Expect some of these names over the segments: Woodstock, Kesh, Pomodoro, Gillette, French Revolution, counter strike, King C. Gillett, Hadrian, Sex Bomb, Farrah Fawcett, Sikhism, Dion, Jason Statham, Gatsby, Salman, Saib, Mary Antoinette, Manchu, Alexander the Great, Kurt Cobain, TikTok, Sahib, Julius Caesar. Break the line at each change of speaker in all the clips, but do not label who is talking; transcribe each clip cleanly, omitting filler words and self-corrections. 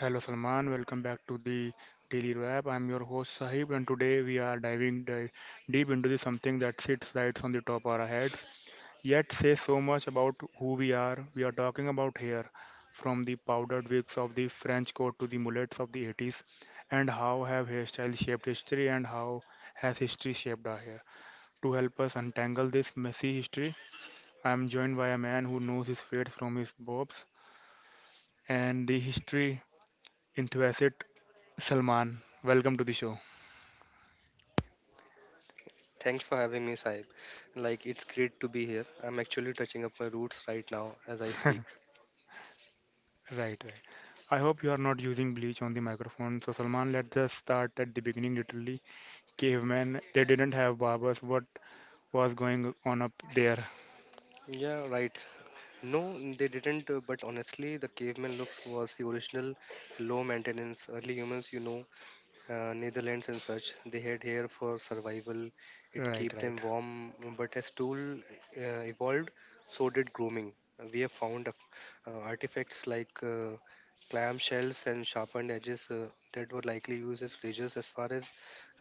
Hello Salman, welcome back to the Daily Wrap. I'm your host Sahib, and today we are diving deep into the something that sits right on the top of our heads, yet says so much about who we are. We are talking about hair, from the powdered wigs of the French court to the mullets of the 80s, and how have hairstyles shaped history, and how has history shaped our hair. To help us untangle this messy history, I'm joined by a man who knows his fades from his bobs and the history enthusiast Salman, welcome to the show.
Thanks for having me, Saib. Like, it's great to be here. I'm actually touching up my roots right now as I speak.
Right, right. I hope you are not using bleach on the microphone. So Salman, let's just start at the beginning. Literally, cavemen, they didn't have barbers. What was going on up there?
Yeah, right. No, they didn't, but honestly, the caveman looks was the original low maintenance early humans, Netherlands and such. They had hair for survival. It
Right,
kept them
right.
warm, but as tool evolved, so did grooming. We have found artifacts like clam shells and sharpened edges that were likely used as razors as far as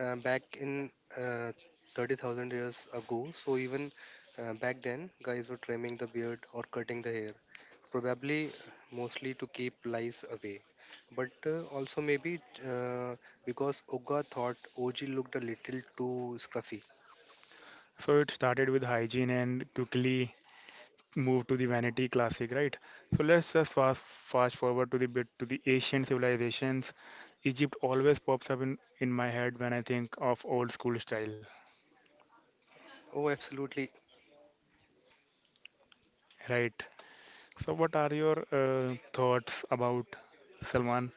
back in uh, 30,000 years ago. So even back then, guys were trimming the beard or cutting the hair probably mostly to keep lies away, but also maybe uh, because oga thought og looked a little too scruffy.
So it started with hygiene and quickly moved to the vanity classic, right? So let's just fast forward to the bit to the ancient civilizations. Egypt always pops up in my head when I think of old school style,
Oh, absolutely.
right? So, what are your thoughts about Salman,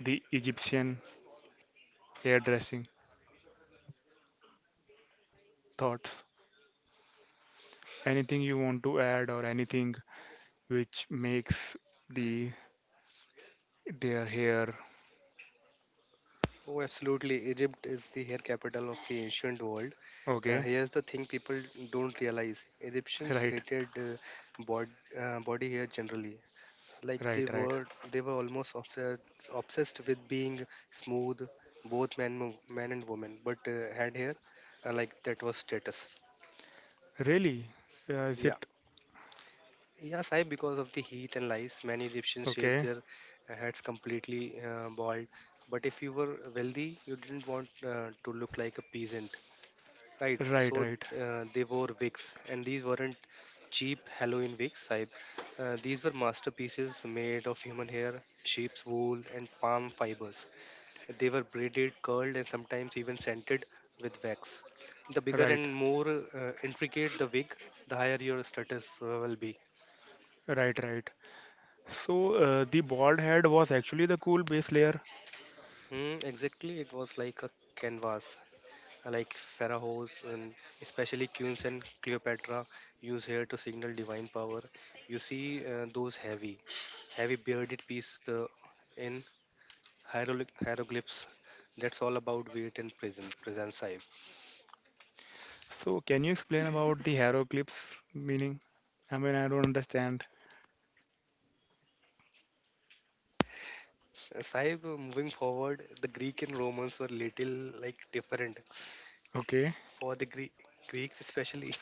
the Egyptian hairdressing thoughts? Anything you want to add, or anything which makes the their hair
Oh, absolutely, Egypt is the hair capital of the ancient world.
okay?
Here's the thing, people don't realize Egyptians
Right,
hated body hair generally. Like, they
right, right.
were they were almost obsessed with being smooth, both men and women, but had hair, like that was status.
Really? Is
Yeah.
it
Yeah, Sai, because of the heat and lice, many Egyptians shaved
okay?
their heads completely bald. But if you were wealthy, you didn't want to look like a peasant, right?
Right,
So
right,
they wore wigs, and these weren't cheap Halloween wigs, Sai. These were masterpieces made of human hair, sheep's wool, and palm fibers. They were braided, curled, and sometimes even scented with wax. The bigger
right,
and more intricate the wig, the higher your status will be.
right, right. So, the bald head was actually the cool base layer.
Hmm, exactly, it was like a canvas, like pharaohs and especially queens and Cleopatra use hair to signal divine power. You see those heavy, heavy bearded piece in hieroglyphs. That's all about weight and present Saib.
So, can you explain about the hieroglyphs meaning? I mean, I don't understand.
Saib, moving forward, the Greek and Romans were little like different
Okay,
for the Greeks, especially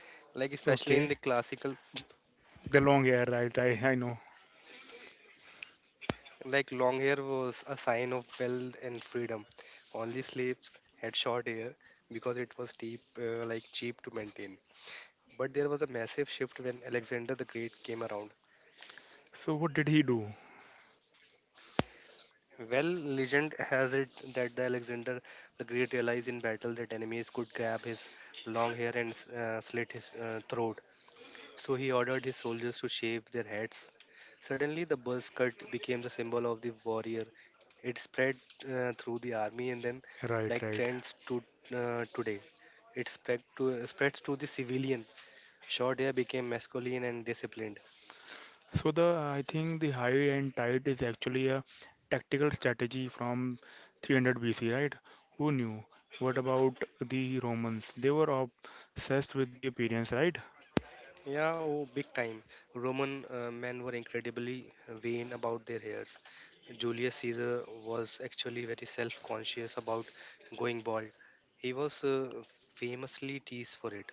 like especially in
okay.
the classical.
The long hair, right? I know.
Like, long hair was a sign of wealth and freedom. Only slaves had short hair because it was cheap, like cheap to maintain. But there was a massive shift when Alexander the Great came around.
So what did he do?
Well, legend has it that the Alexander the Great realized in battle that enemies could grab his long hair and slit his throat. So he ordered his soldiers to shave their heads. Suddenly, the buzz cut became the symbol of the warrior. It spread through the army, and then,
Right,
like
right.
trends to today, it spreads to the civilian. Short hair became masculine and disciplined.
So the I think the high and tight is actually a tactical strategy from 300 BC, right? Who knew? What about the Romans? They were obsessed with the appearance, right?
Yeah, oh, big time. Roman men were incredibly vain about their hairs. Julius Caesar was actually very self conscious about going bald. He was famously teased for it.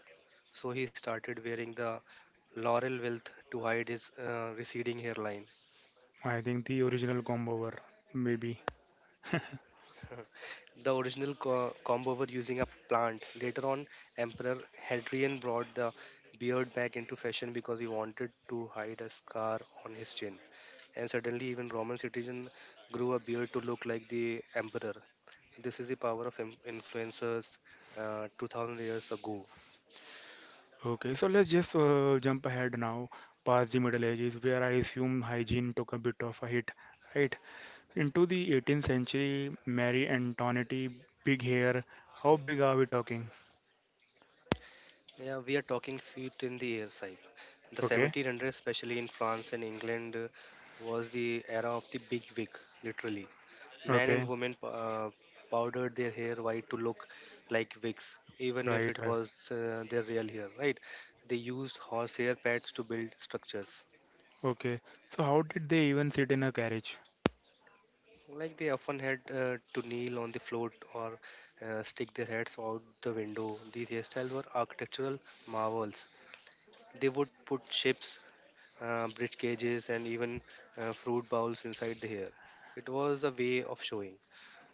So he started wearing the laurel wealth to hide his receding hairline.
I think the original combo were maybe.
The original combo were using a plant. Later on, Emperor Hadrian brought the beard back into fashion because he wanted to hide a scar on his chin. And suddenly, even Roman citizen grew a beard to look like the emperor. This is the power of influencers 2000 years ago.
Okay, so let's just jump ahead now past the Middle Ages, where I assume hygiene took a bit of a hit, right? Into the 18th century, Mary Antoinette, big hair. How big are we talking?
Yeah, we are talking feet in the air, Saib. The
Okay,
1700s, especially in France and England, was the era of the big wig, literally. Men
okay,
and women powdered their hair white to look like wigs, even if
right,
it
right.
was their real hair, right? They used horsehair pads to build structures.
Okay. So how did they even sit in a carriage?
Like, they often had to kneel on the floor or stick their heads out the window. These hairstyles were architectural marvels. They would put ships, bridge cages, and even fruit bowls inside the hair. It was a way of showing,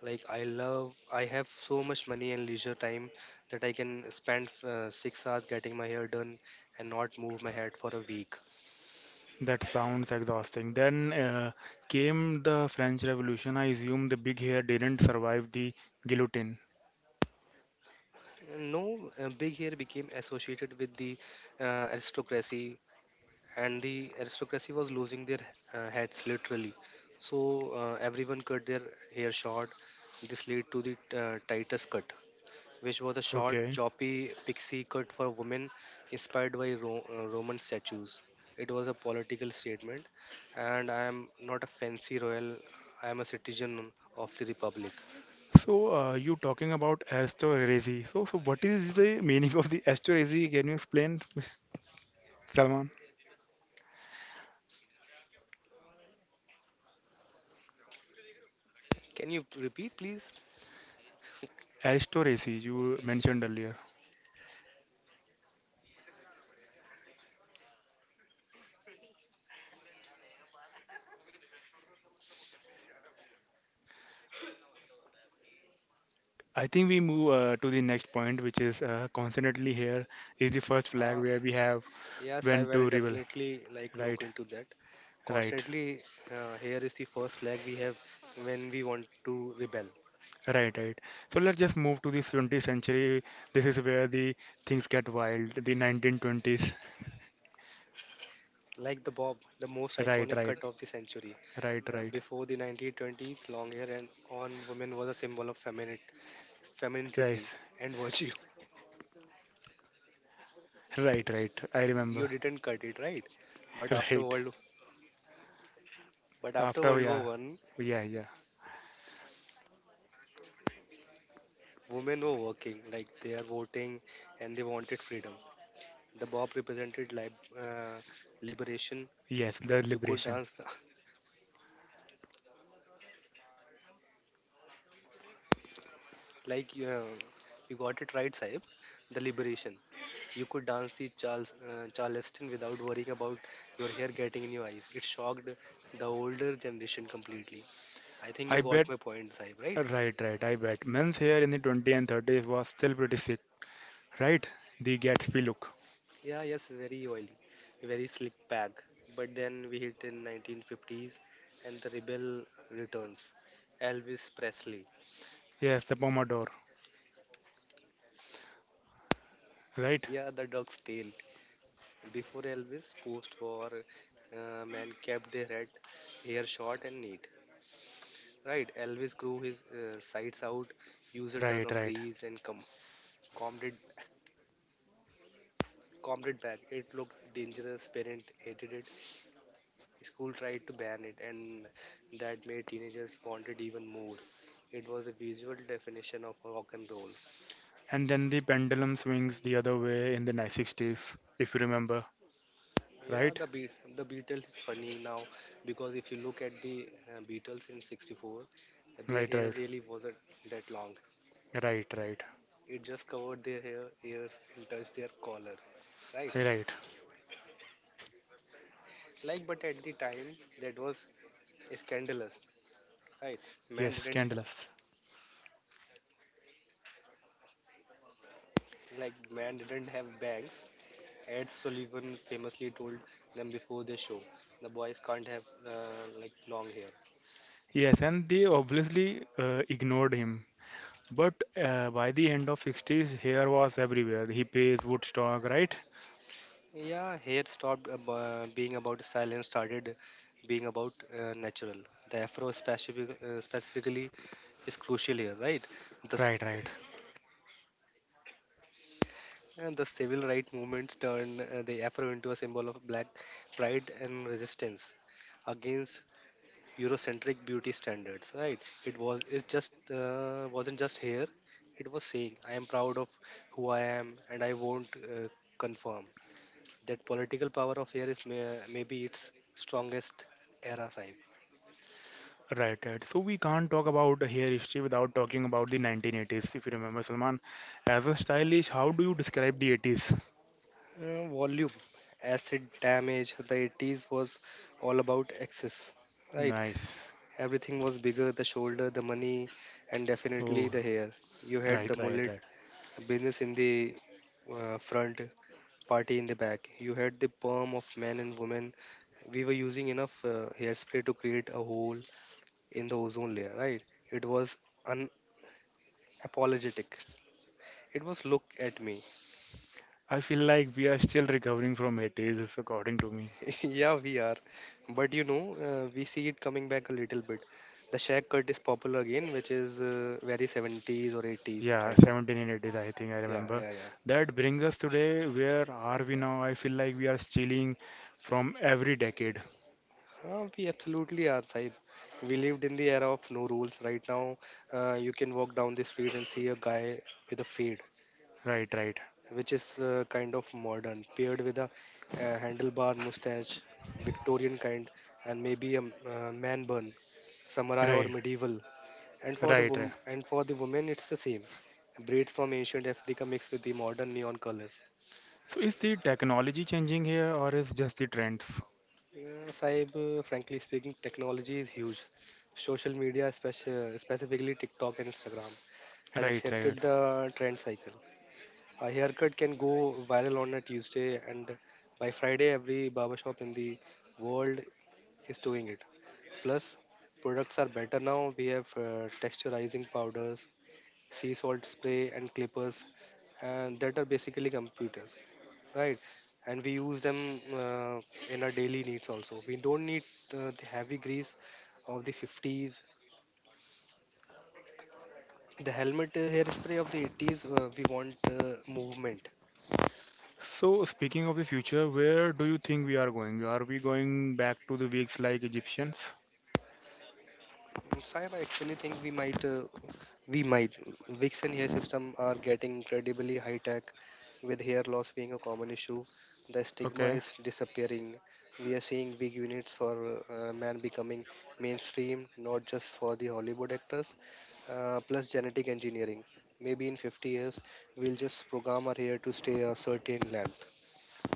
like, I love, I have so much money and leisure time that I can spend 6 hours getting my hair done and not move my head for a week.
That sounds exhausting. Then came the French Revolution. I assume the big hair didn't survive the guillotine.
No, big hair became associated with the aristocracy, and the aristocracy was losing their heads literally. So everyone cut their hair short. This led to the tightest cut, which was a short,
Okay.
choppy pixie cut for women, inspired by Roman statues. It was a political statement, and I am not a fancy royal, I am a citizen of the Republic.
So you talking about aristocracy. So what is the meaning of the aristocracy? Can you explain, Miss Salman?
Can you repeat, please?
Aristocracy you mentioned earlier. I think we move to the next point, which is constantly here is the first flag
Uh,
where we have
yes, I
when
will
to rebel.
definitely like look
Right,
into that.
right,
Constantly, here is the first flag we have when we want to rebel.
right, right. So let's just move to the 20th century. This is where the things get wild. The 1920s.
Like, the bob, the most
Right,
iconic
right,
cut of the century.
right, right.
Before the 1920s, long hair and on women was a symbol of femininity
Yes,
and virtue.
right, right. I remember.
You didn't cut it right, but
Right.
but after
After,
World
yeah,
War One,
yeah, yeah.
women were working, like they are voting, and they wanted freedom. The Bob represented liberation.
Yes, the
You could
liberation.
dance the- like you got it right, Saib. The liberation. You could dance the Charleston without worrying about your hair getting in your eyes. It shocked the older generation completely. I think you
I bet.
got my point, Saib, right?
Right, right. I bet. Men's hair in the 20s and 30s was still pretty sick. Right? The Gatsby look.
Yeah, yes, very oily, very slick bag. But then we hit in 1950s and the rebel returns. Elvis Presley.
Yes, the Pomodoro, right?
Yeah, the dog's tail. Before Elvis, post-war, men kept their head hair short and neat. Right, Elvis grew his sides out, used a ton
Right,
of
right.
grease and combed it back. It looked dangerous. Parents hated it. School tried to ban it, and that made teenagers want it even more. It was a visual definition of rock and roll.
And then the pendulum swings the other way in the 960s, if you remember,
Yeah,
right?
the the Beatles is funny now because if you look at the Beatles in '64, their
Right,
hair
right,
really wasn't that long.
right, right,
It just covered their hair, ears, and touched their collars, right?
right.
Like, but at the time, that was scandalous, right? Man
Yes,
didn't
scandalous.
like man didn't have bangs. Ed Sullivan famously told them before their show, "The boys can't have like long hair."
Yes, and they obviously ignored him. But by the end of 60s, hair was everywhere. He pays Woodstock, right?
Yeah, hair stopped being about style and started being about natural. The specifically is crucial here, right? The s-
Right, right,
and the civil rights movements turned the afro into a symbol of black pride and resistance against Eurocentric beauty standards, right? It was, it just wasn't just here. It was saying, "I am proud of who I am, and I won't confirm." That political power of hair is maybe its strongest era type.
right, right. So we can't talk about the hair history without talking about the 1980s, if you remember, Salman. As a stylish, how do you describe the 80s?
Volume, acid damage. The 80s was all about excess, right?
Nice.
Everything was bigger: the shoulder, the money, and definitely
Oh,
the hair. You had the
right, right,
mullet,
right.
business in the front, party in the back. You had the perm of men and women. We were using enough hairspray to create a hole in the ozone layer, right? It was unapologetic. It was look at me.
I feel like we are still recovering from 80s, is according to me.
Yeah, we are. But you know, we see it coming back a little bit. The shag cut is popular again, which is very 70s or 80s
Yeah,
kind of.
17 and 80s, I think I
Yeah,
remember.
yeah, yeah.
That brings us today. Where are we now? I feel like we are stealing from every decade.
We absolutely are, Saib. We lived in the era of no rules. Right now, you can walk down the street and see a guy with a fade,
Right, right,
which is kind of modern, paired with a handlebar mustache, Victorian kind, and maybe a man bun, samurai or
right,
medieval. And for the
right, right.
wom- and for the women, it's the same. Braids from ancient Africa mixed with the modern neon colors.
So is the technology changing here or is just the trends?
Saib, frankly speaking, technology is huge. Social media, specifically TikTok and Instagram, has
Right, right.
accepted the trend cycle. A haircut can go viral on a Tuesday, and by Friday, every barbershop in the world is doing it. Plus, products are better now. We have texturizing powders, sea salt spray, and clippers, and that are basically computers, right? And we use them uh, in our daily needs also. We don't need the heavy grease of the 50s. The helmet hairspray of the 80s, we want movement.
So speaking of the future, where do you think we are going? Are we going back to the weeks like Egyptians?
Saib, I actually think we might We might. Vixen hair system are getting incredibly high tech, with hair loss being a common issue. The stigma
Okay.
is disappearing. We are seeing big units for man becoming mainstream, not just for the Hollywood actors. Plus genetic engineering. Maybe in 50 years, we'll just program our hair to stay a certain length.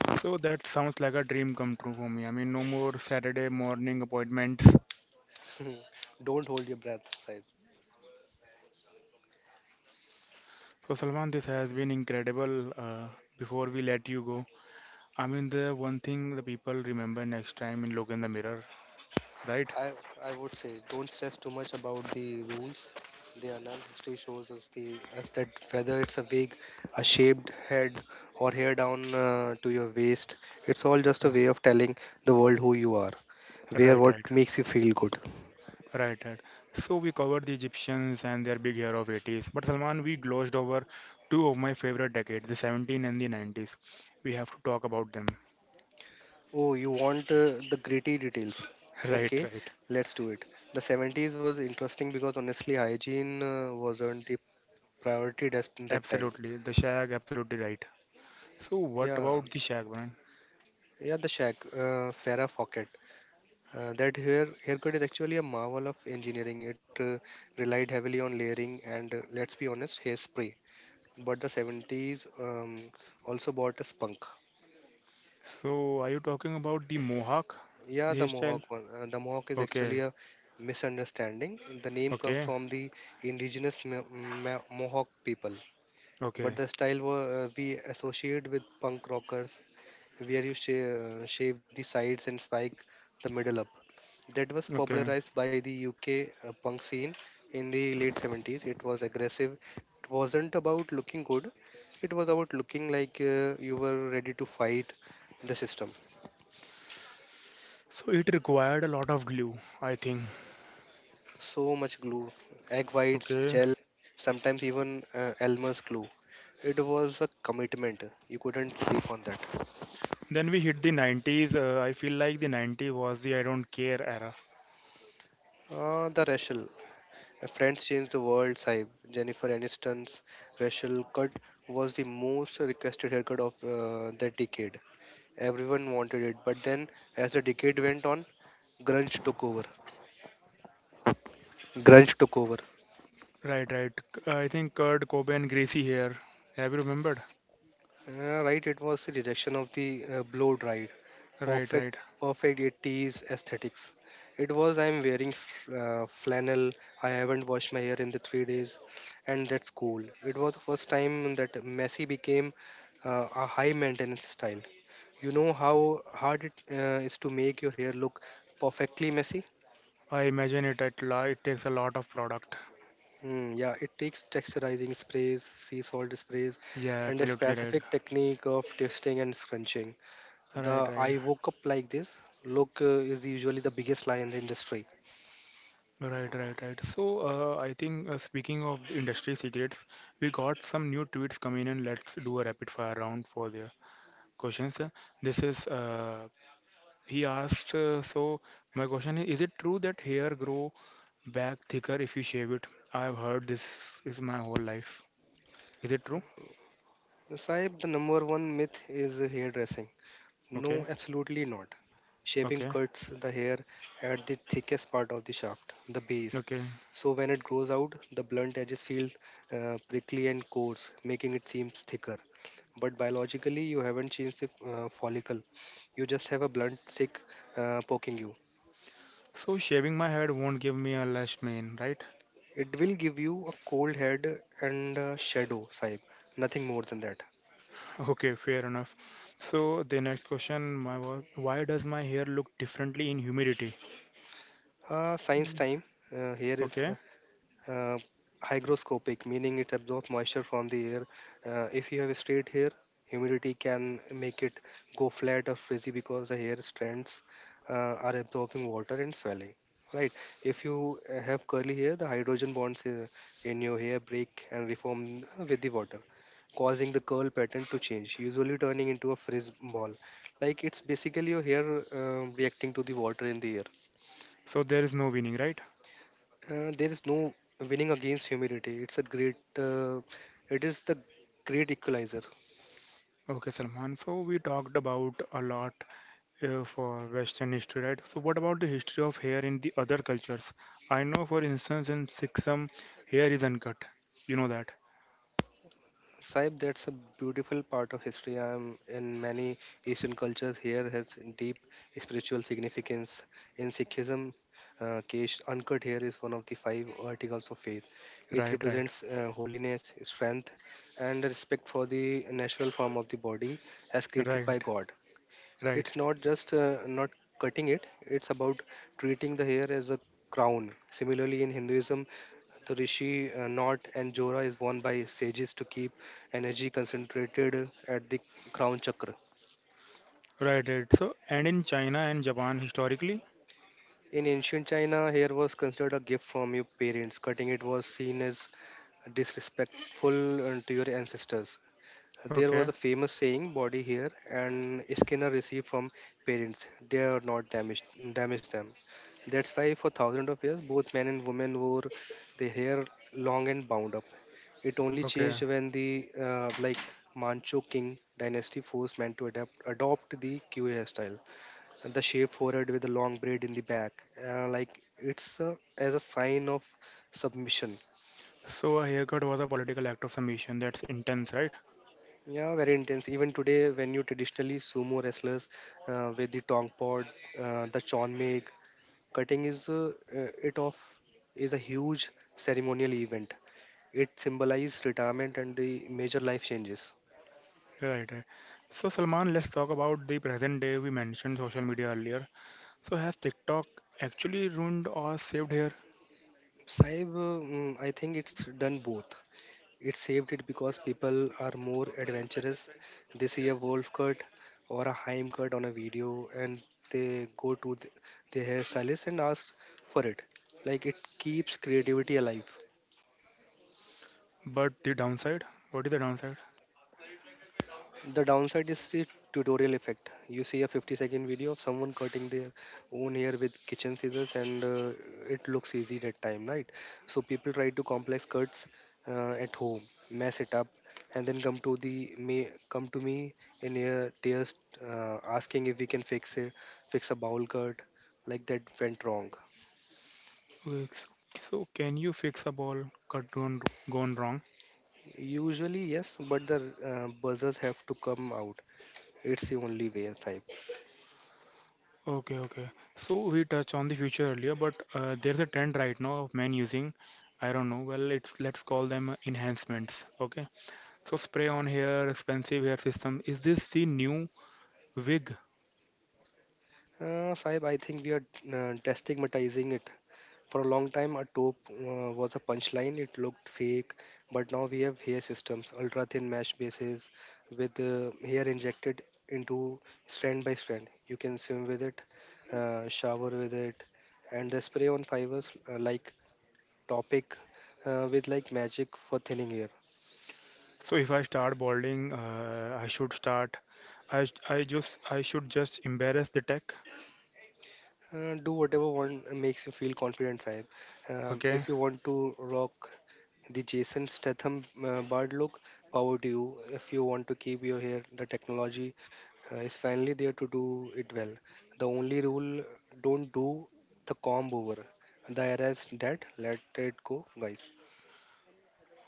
So that sounds like a dream come true for me. I mean, no more Saturday morning appointments.
Don't hold your breath.
So, Salman, this has been incredible. Before we let you go, I mean, the one thing the people remember next time in Look in the Mirror, right?
I I would say don't stress too much about the rules. They are none. History shows us that whether it's a wig, a shaved head, or hair down to your waist, it's all just
Uh,
a way of telling the world who you are. Wear
right,
what
right,
makes you feel good.
right, right. So, we covered the Egyptians and their big year of 80s. But, Salman, we glossed over two of my favorite decades, the 17 and the 90s. We have to talk about them.
Oh, you want the gritty details?
Right,
Okay,
right.
let's do it. The 70s was interesting because honestly, hygiene wasn't the priority at that time.
Absolutely. The Shag, absolutely right. So, what
Yeah,
about the Shag, man?
yeah, the shag, Farrah Fawcett. That haircut is actually a marvel of engineering. It relied heavily on layering and, let's be honest, hairspray. But the 70s also bought a spunk.
So, are you talking about the mohawk,
Yeah,
the
the
hairstyle?
mohawk one. The mohawk is
Okay,
actually a misunderstanding. The name comes
okay,
from the indigenous Mohawk people,
okay,
but the style we associate with punk rockers, where you shave the sides and spike the middle up. That was
okay.
popularized by the UK punk scene in the late 70s. It was aggressive. It wasn't about looking good. It was about looking like you were ready to fight the system.
So it required a lot of glue, I think.
So much glue, egg whites,
Okay.
gel, sometimes even Elmer's glue. It was a commitment. You couldn't sleep on that.
Then we hit the 90s. I feel like the 90s was the I don't care era.
The Rachel. Friends changed the world, Saib. Jennifer Aniston's Rachel cut was the most requested haircut of that decade. Everyone wanted it, but then as the decade went on, grunge took over. Grunge took over.
Right, right. I think Kurt Cobain, greasy hair. Have you remembered?
Right, it was the rejection of the blow dried,
Right, right.
perfect 80s aesthetics. It was I'm wearing flannel, I haven't washed my hair in the 3 days, and that's cool. It was the first time that messy became a high maintenance style. You know how hard it is to make your hair look perfectly messy?
I imagine it at la it takes a lot of product.
Yeah, it takes texturizing sprays, sea salt sprays,
Yeah,
and a
absolutely right.
specific technique of twisting and scrunching.
Right,
The
right.
I woke up like this look is usually the biggest lie in the industry.
Right, right, right. So, I think speaking of industry secrets, we got some new tweets coming in. Let's do a rapid fire round for the questions. This is he asks. So, my question is it true that hair grow back thicker if you shave it? I've heard this is my whole life. Is it true?
Saib, the number one myth is hairdressing. No,
Okay,
absolutely not. Shaving
okay,
cuts the hair at the thickest part of the shaft, the base.
okay.
So when it grows out, the blunt edges feel prickly and coarse, making it seem thicker. But biologically you haven't changed the follicle, you just have a blunt stick poking you.
So, shaving my head won't give me a lash mane, right?
It will give you a cold head and a shadow, sahib, nothing more than that.
Okay, fair enough. So, the next question, my was, why does my hair look differently in humidity?
Science time. Here is
Okay,
uh, Hygroscopic, meaning it absorbs moisture from the air. If you have a straight hair, humidity can make it go flat or frizzy because the hair strands uh, are absorbing water and swelling. Right. If you have curly hair, the hydrogen bonds in your hair break and reform with the water, causing the curl pattern to change, usually turning into a frizz ball. Like it's basically your hair reacting to the water in the air.
so there is no winning, right?
Uh, there is no winning against humility. It's a great, it is the great equalizer.
Okay, Salman. So we talked about a lot for Western history, right? So what about the history of hair in the other cultures? I know, for instance, in Sikhism, hair is uncut. You know that,
Saib, that's a beautiful part of history. In many Asian cultures, here has deep spiritual significance. In Sikhism, Kesh Uncut here is one of the five articles of faith. It
right? Right.
represents holiness, strength, and respect for the natural form of the body as created by
Right.
God.
Right.
It's not just not cutting it, it's about treating the hair as a crown. Similarly, in Hinduism, the rishi knot and jora is worn by sages to keep energy concentrated at the crown chakra.
Right. Right. So and in China and Japan, historically,
In ancient China, hair was considered a gift from your parents. Cutting it was seen as disrespectful to your ancestors. There
okay,
was a famous saying, body hair and skin are received from parents. They are not damaged, damage them. That's why for thousands of years, both men and women wore their hair long and bound up. It only
okay.
changed when the like Manchu King dynasty forced men to adapt adopt the Q A hairstyle, and the shaped forehead with a long braid in the back. Uh, like it's as a sign of submission.
So a haircut was a political act of submission. That's intense, right?
Yeah, very intense. Even today, when you traditionally sumo wrestlers with the tong pod, the chonmeg, cutting is it off is a huge ceremonial event. It symbolizes retirement and the major life changes.
Right. Right. So Salman, let's talk about the present day. We mentioned social media earlier. So has TikTok actually ruined or saved here?
Saib, I think it's done both. It saved it because people are more adventurous. They see a wolf cut or a Haim cut on a video and they go to their hairstylist and ask for it. Like it keeps creativity alive.
But the downside? What is the downside?
The downside is the tutorial effect. You see a 50-second video of someone cutting their own hair with kitchen scissors, and it looks easy that time, right? So people try to complex cuts at home, mess it up, and then come to me in a tears, asking if we can fix it, fix a bowl cut like that went wrong.
Okay, so can you fix a ball cut gone wrong?
Usually yes, but the buzzers have to come out. It's the only way, Saib.
Okay, okay. So we touched on the future earlier, but there's a trend right now of men using, I don't know, well, it's let's call them enhancements. Okay. So spray on hair, expensive hair system. Is this the new wig?
Saib, I think we are destigmatizing it. For a long time, a taupe was a punchline. It looked fake, but now we have hair systems, ultra thin mesh bases with hair injected into strand by strand. You can swim with it, shower with it, and the spray on fibers like topic with like magic for thinning hair.
So if I start balding, I should start. I should just embarrass the tech.
Do whatever one makes you feel confident, Saib.
Okay.
If you want to rock the Jason Statham Bard look, power to you. If you want to keep your hair, the technology is finally there to do it well. The only rule, don't do the comb over. The era is dead. Let it go, guys.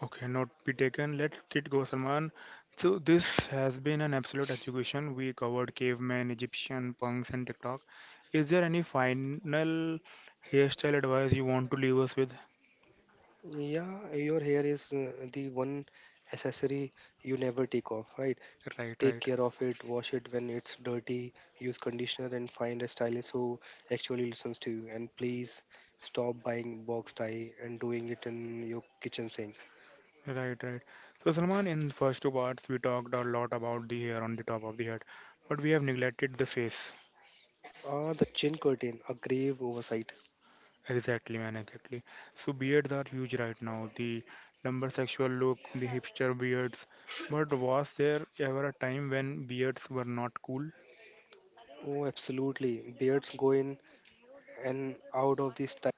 Okay, note be taken. Let it go, Salman. So this has been an absolute education. We covered cavemen, Egyptian punks, and TikTok. Is there any final hairstyle advice you want to leave us with?
Yeah, your hair is the one accessory you never take off, right?
Right,
Take
right,
care of it, wash it when it's dirty, use conditioner, and find a stylist who actually listens to you. And please stop buying box tie and doing it in your kitchen sink.
right, right. So Salman, in first two parts, we talked a lot about the hair on the top of the head, but we have neglected the face.
Ah, the chin curtain, a grave oversight.
Exactly, man, exactly. So beards are huge right now. The lumbersexual look, the hipster beards. But was there ever a time when beards were not cool?
Oh, absolutely. Beards go in and out of this type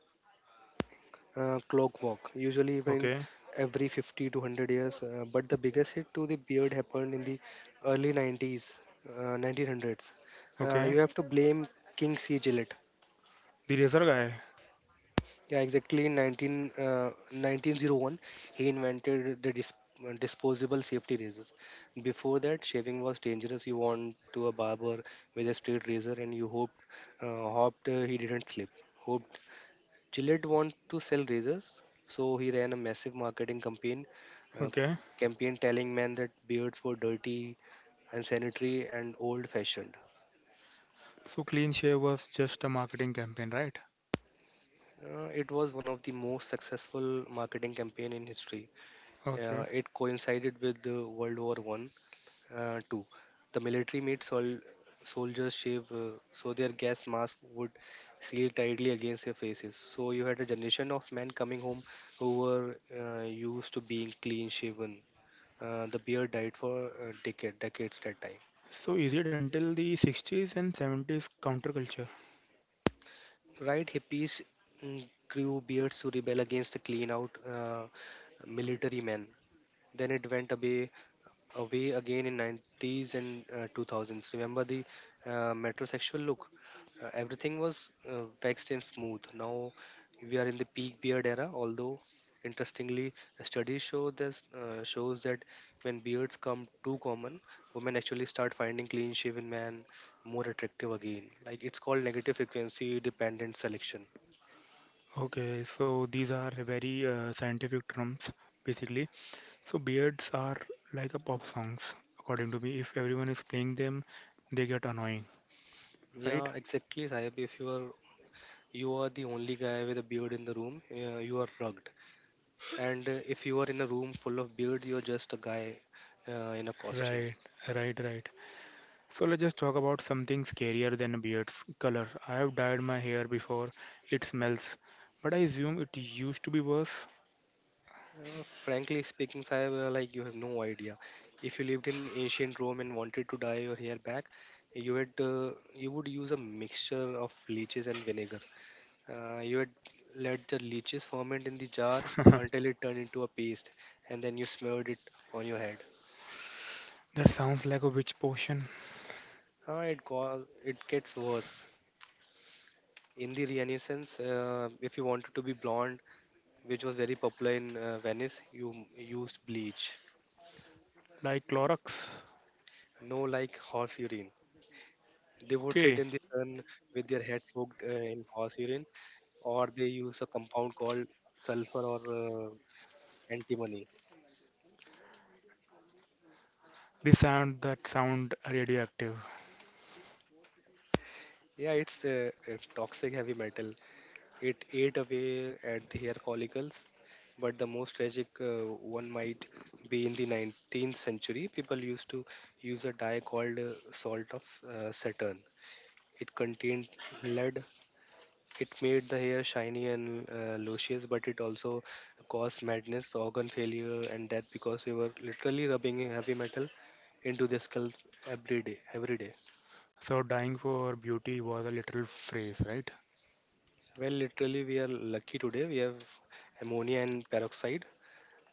clockwork, usually even
Okay,
every 50 to 100 years. But the biggest hit to the beard happened in the early 90s, 1900s.
okay.
You have to blame King C. Gillett.
The razor guy.
Yeah, exactly. In 1901, he invented the disposable safety razors. Before that, shaving was dangerous. You went to a barber with a straight razor and you hoped he didn't slip. Hoped Gillette wanted to sell razors, so he ran a massive marketing campaign, uh,
Okay.
telling men that beards were dirty, unsanitary, and old-fashioned.
So clean shave was just a marketing campaign, right?
It was one of the most successful marketing campaign in history.
Okay.
It coincided with the World War One, too. The military made soldiers shave, so their gas mask would seal tightly against their faces. So you had a generation of men coming home who were used to being clean shaven. The beard died for decades that time.
So is it until the 60s and 70s counterculture?
Right, hippies grew beards to rebel against the clean out military men. Then it went away again in 90s and 2000s. Remember the metrosexual look? Uh, everything was waxed and smooth. Now we are in the peak beard era, although interestingly studies shows that when beards come too common, women actually start finding clean shaven men more attractive again. Like it's called negative frequency dependent selection.
Okay, so these are very scientific terms basically. So beards are like a pop songs, according to me. If everyone is playing them, they get annoying, right?
Yeah, exactly, Saib, if you are the only guy with a beard in the room, you are rugged. And if you are in a room full of beards, you're just a guy in a costume.
Right, right, right. So let's just talk about something scarier than beards, color. I have dyed my hair before. It smells, but I assume it used to be worse.
Frankly speaking, Sahib, like you have no idea. If you lived in ancient Rome and wanted to dye your hair back, you would use a mixture of leeches and vinegar. You would let the leeches ferment in the jar until it turned into a paste, and then you smeared it on your head.
That sounds like a witch potion,
It gets worse. In the Renaissance, if you wanted to be blonde, which was very popular in Venice, you used bleach,
like Clorox.
No, like horse urine. They would sit
Okay,
in the sun with their head soaked in horse urine, or they use a compound called sulfur or antimony.
this sound that sound radioactive.
Yeah, it's a toxic heavy metal. It ate away at the hair follicles, but the most tragic one might be in the 19th century. People used to use a dye called salt of Saturn. It contained lead. It made the hair shiny and luscious, but it also caused madness, organ failure, and death because we were literally rubbing heavy metal into the scalp every day. Every day.
So dying for beauty was a literal phrase, right?
Well, literally, we are lucky today. We have ammonia and peroxide.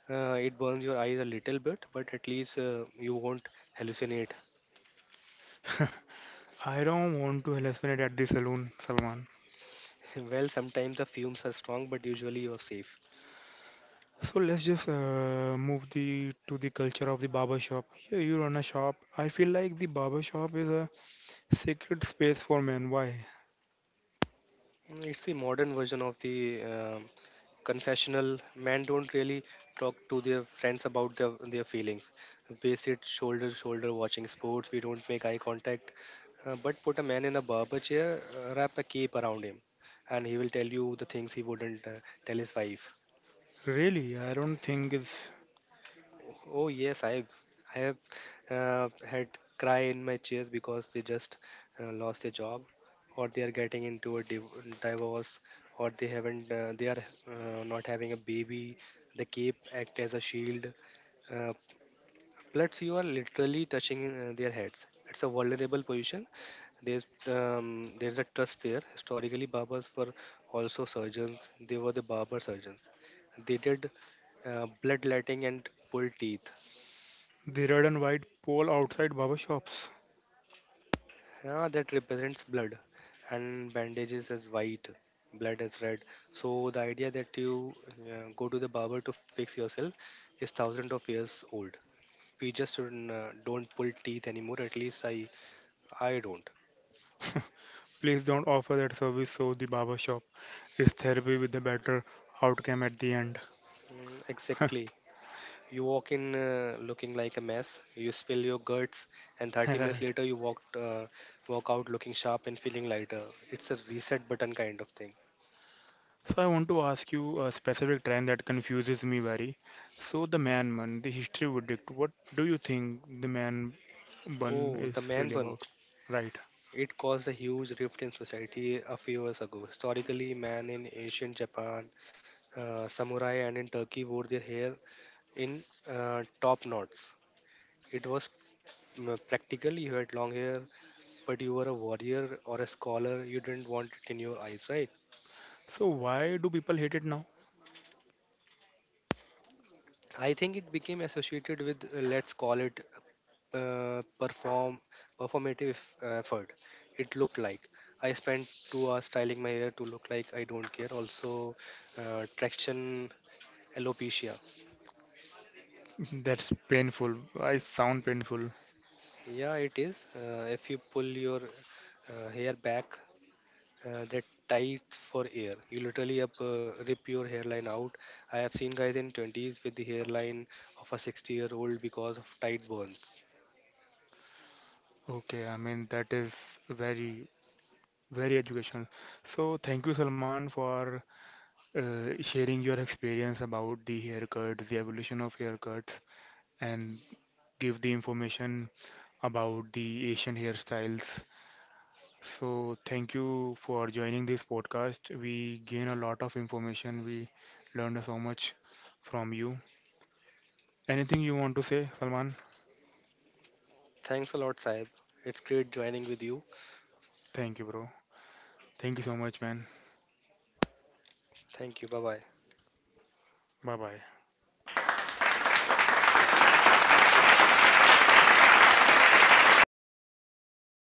It burns your eyes a little bit, but at least you won't hallucinate.
I don't want to hallucinate at the saloon, Salman.
well, sometimes the fumes are strong, but usually you're safe.
So let's just move the to the culture of the barber shop. Here you run a shop. I feel like the barber shop is a sacred space for men. Why?
Mm, it's the modern version of the confessional. Men don't really talk to their friends about their feelings. We sit shoulder to shoulder watching sports. We don't make eye contact. But put a man in a barber chair, wrap a cape around him, and he will tell you the things he wouldn't tell his wife.
Really, I don't think it's
Oh yes, I have had cry in my tears because they just lost their job, or they are getting into a divorce, or they haven't they are not having a baby. The cape act as a shield. Uh, Plus, you are literally touching their heads. It's a vulnerable position. There's a trust there. Historically, barbers were also surgeons. They were the barber surgeons. They did bloodletting and pulled teeth.
the red and white pole outside barber shops.
Yeah, that represents blood, and bandages as white, blood as red. So the idea that you go to the barber to fix yourself is thousands of years old. We just don't pull teeth anymore. At least I don't.
Please don't offer that service. So the barber shop is therapy with a better outcome at the end.
Mm, exactly. You walk in looking like a mess. You spill your guts, and 30 minutes
Right.
later you walk out looking sharp and feeling lighter. It's a reset button kind of thing.
So I want to ask you a specific trend that confuses me very. So the man bun, the history would dictate. What do you think the man bun
Oh, the
is
man
really
bun.
about? Right.
It caused a huge rift in society a few years ago. Historically, men in ancient Japan, samurai, and in Turkey wore their hair in top knots. It was practical. You had long hair, but you were a warrior or a scholar. You didn't want it in your eyes, right?
So why do people hate it now?
I think it became associated with, let's call it, uh, perform performative effort. It looked like I spent 2 hours styling my hair to look like I don't care. Also, traction alopecia.
That's painful. I sound painful.
Yeah, it is, if you pull your hair back that tight for air, you literally up rip your hairline out. I have seen guys in 20s with the hairline of a 60-year-old because of tight burns.
Okay, I mean that is very, very educational. So thank you, Salman, for sharing your experience about the haircuts, the evolution of haircuts, and give the information about the Asian hairstyles. So, thank you for joining this podcast. We gain a lot of information. We learned so much from you. Anything you want to say, Salman?
Thanks a lot, Saib, it's great joining with you.
Thank you, bro. Thank you so much, man.
Thank you, bye bye.
Bye bye.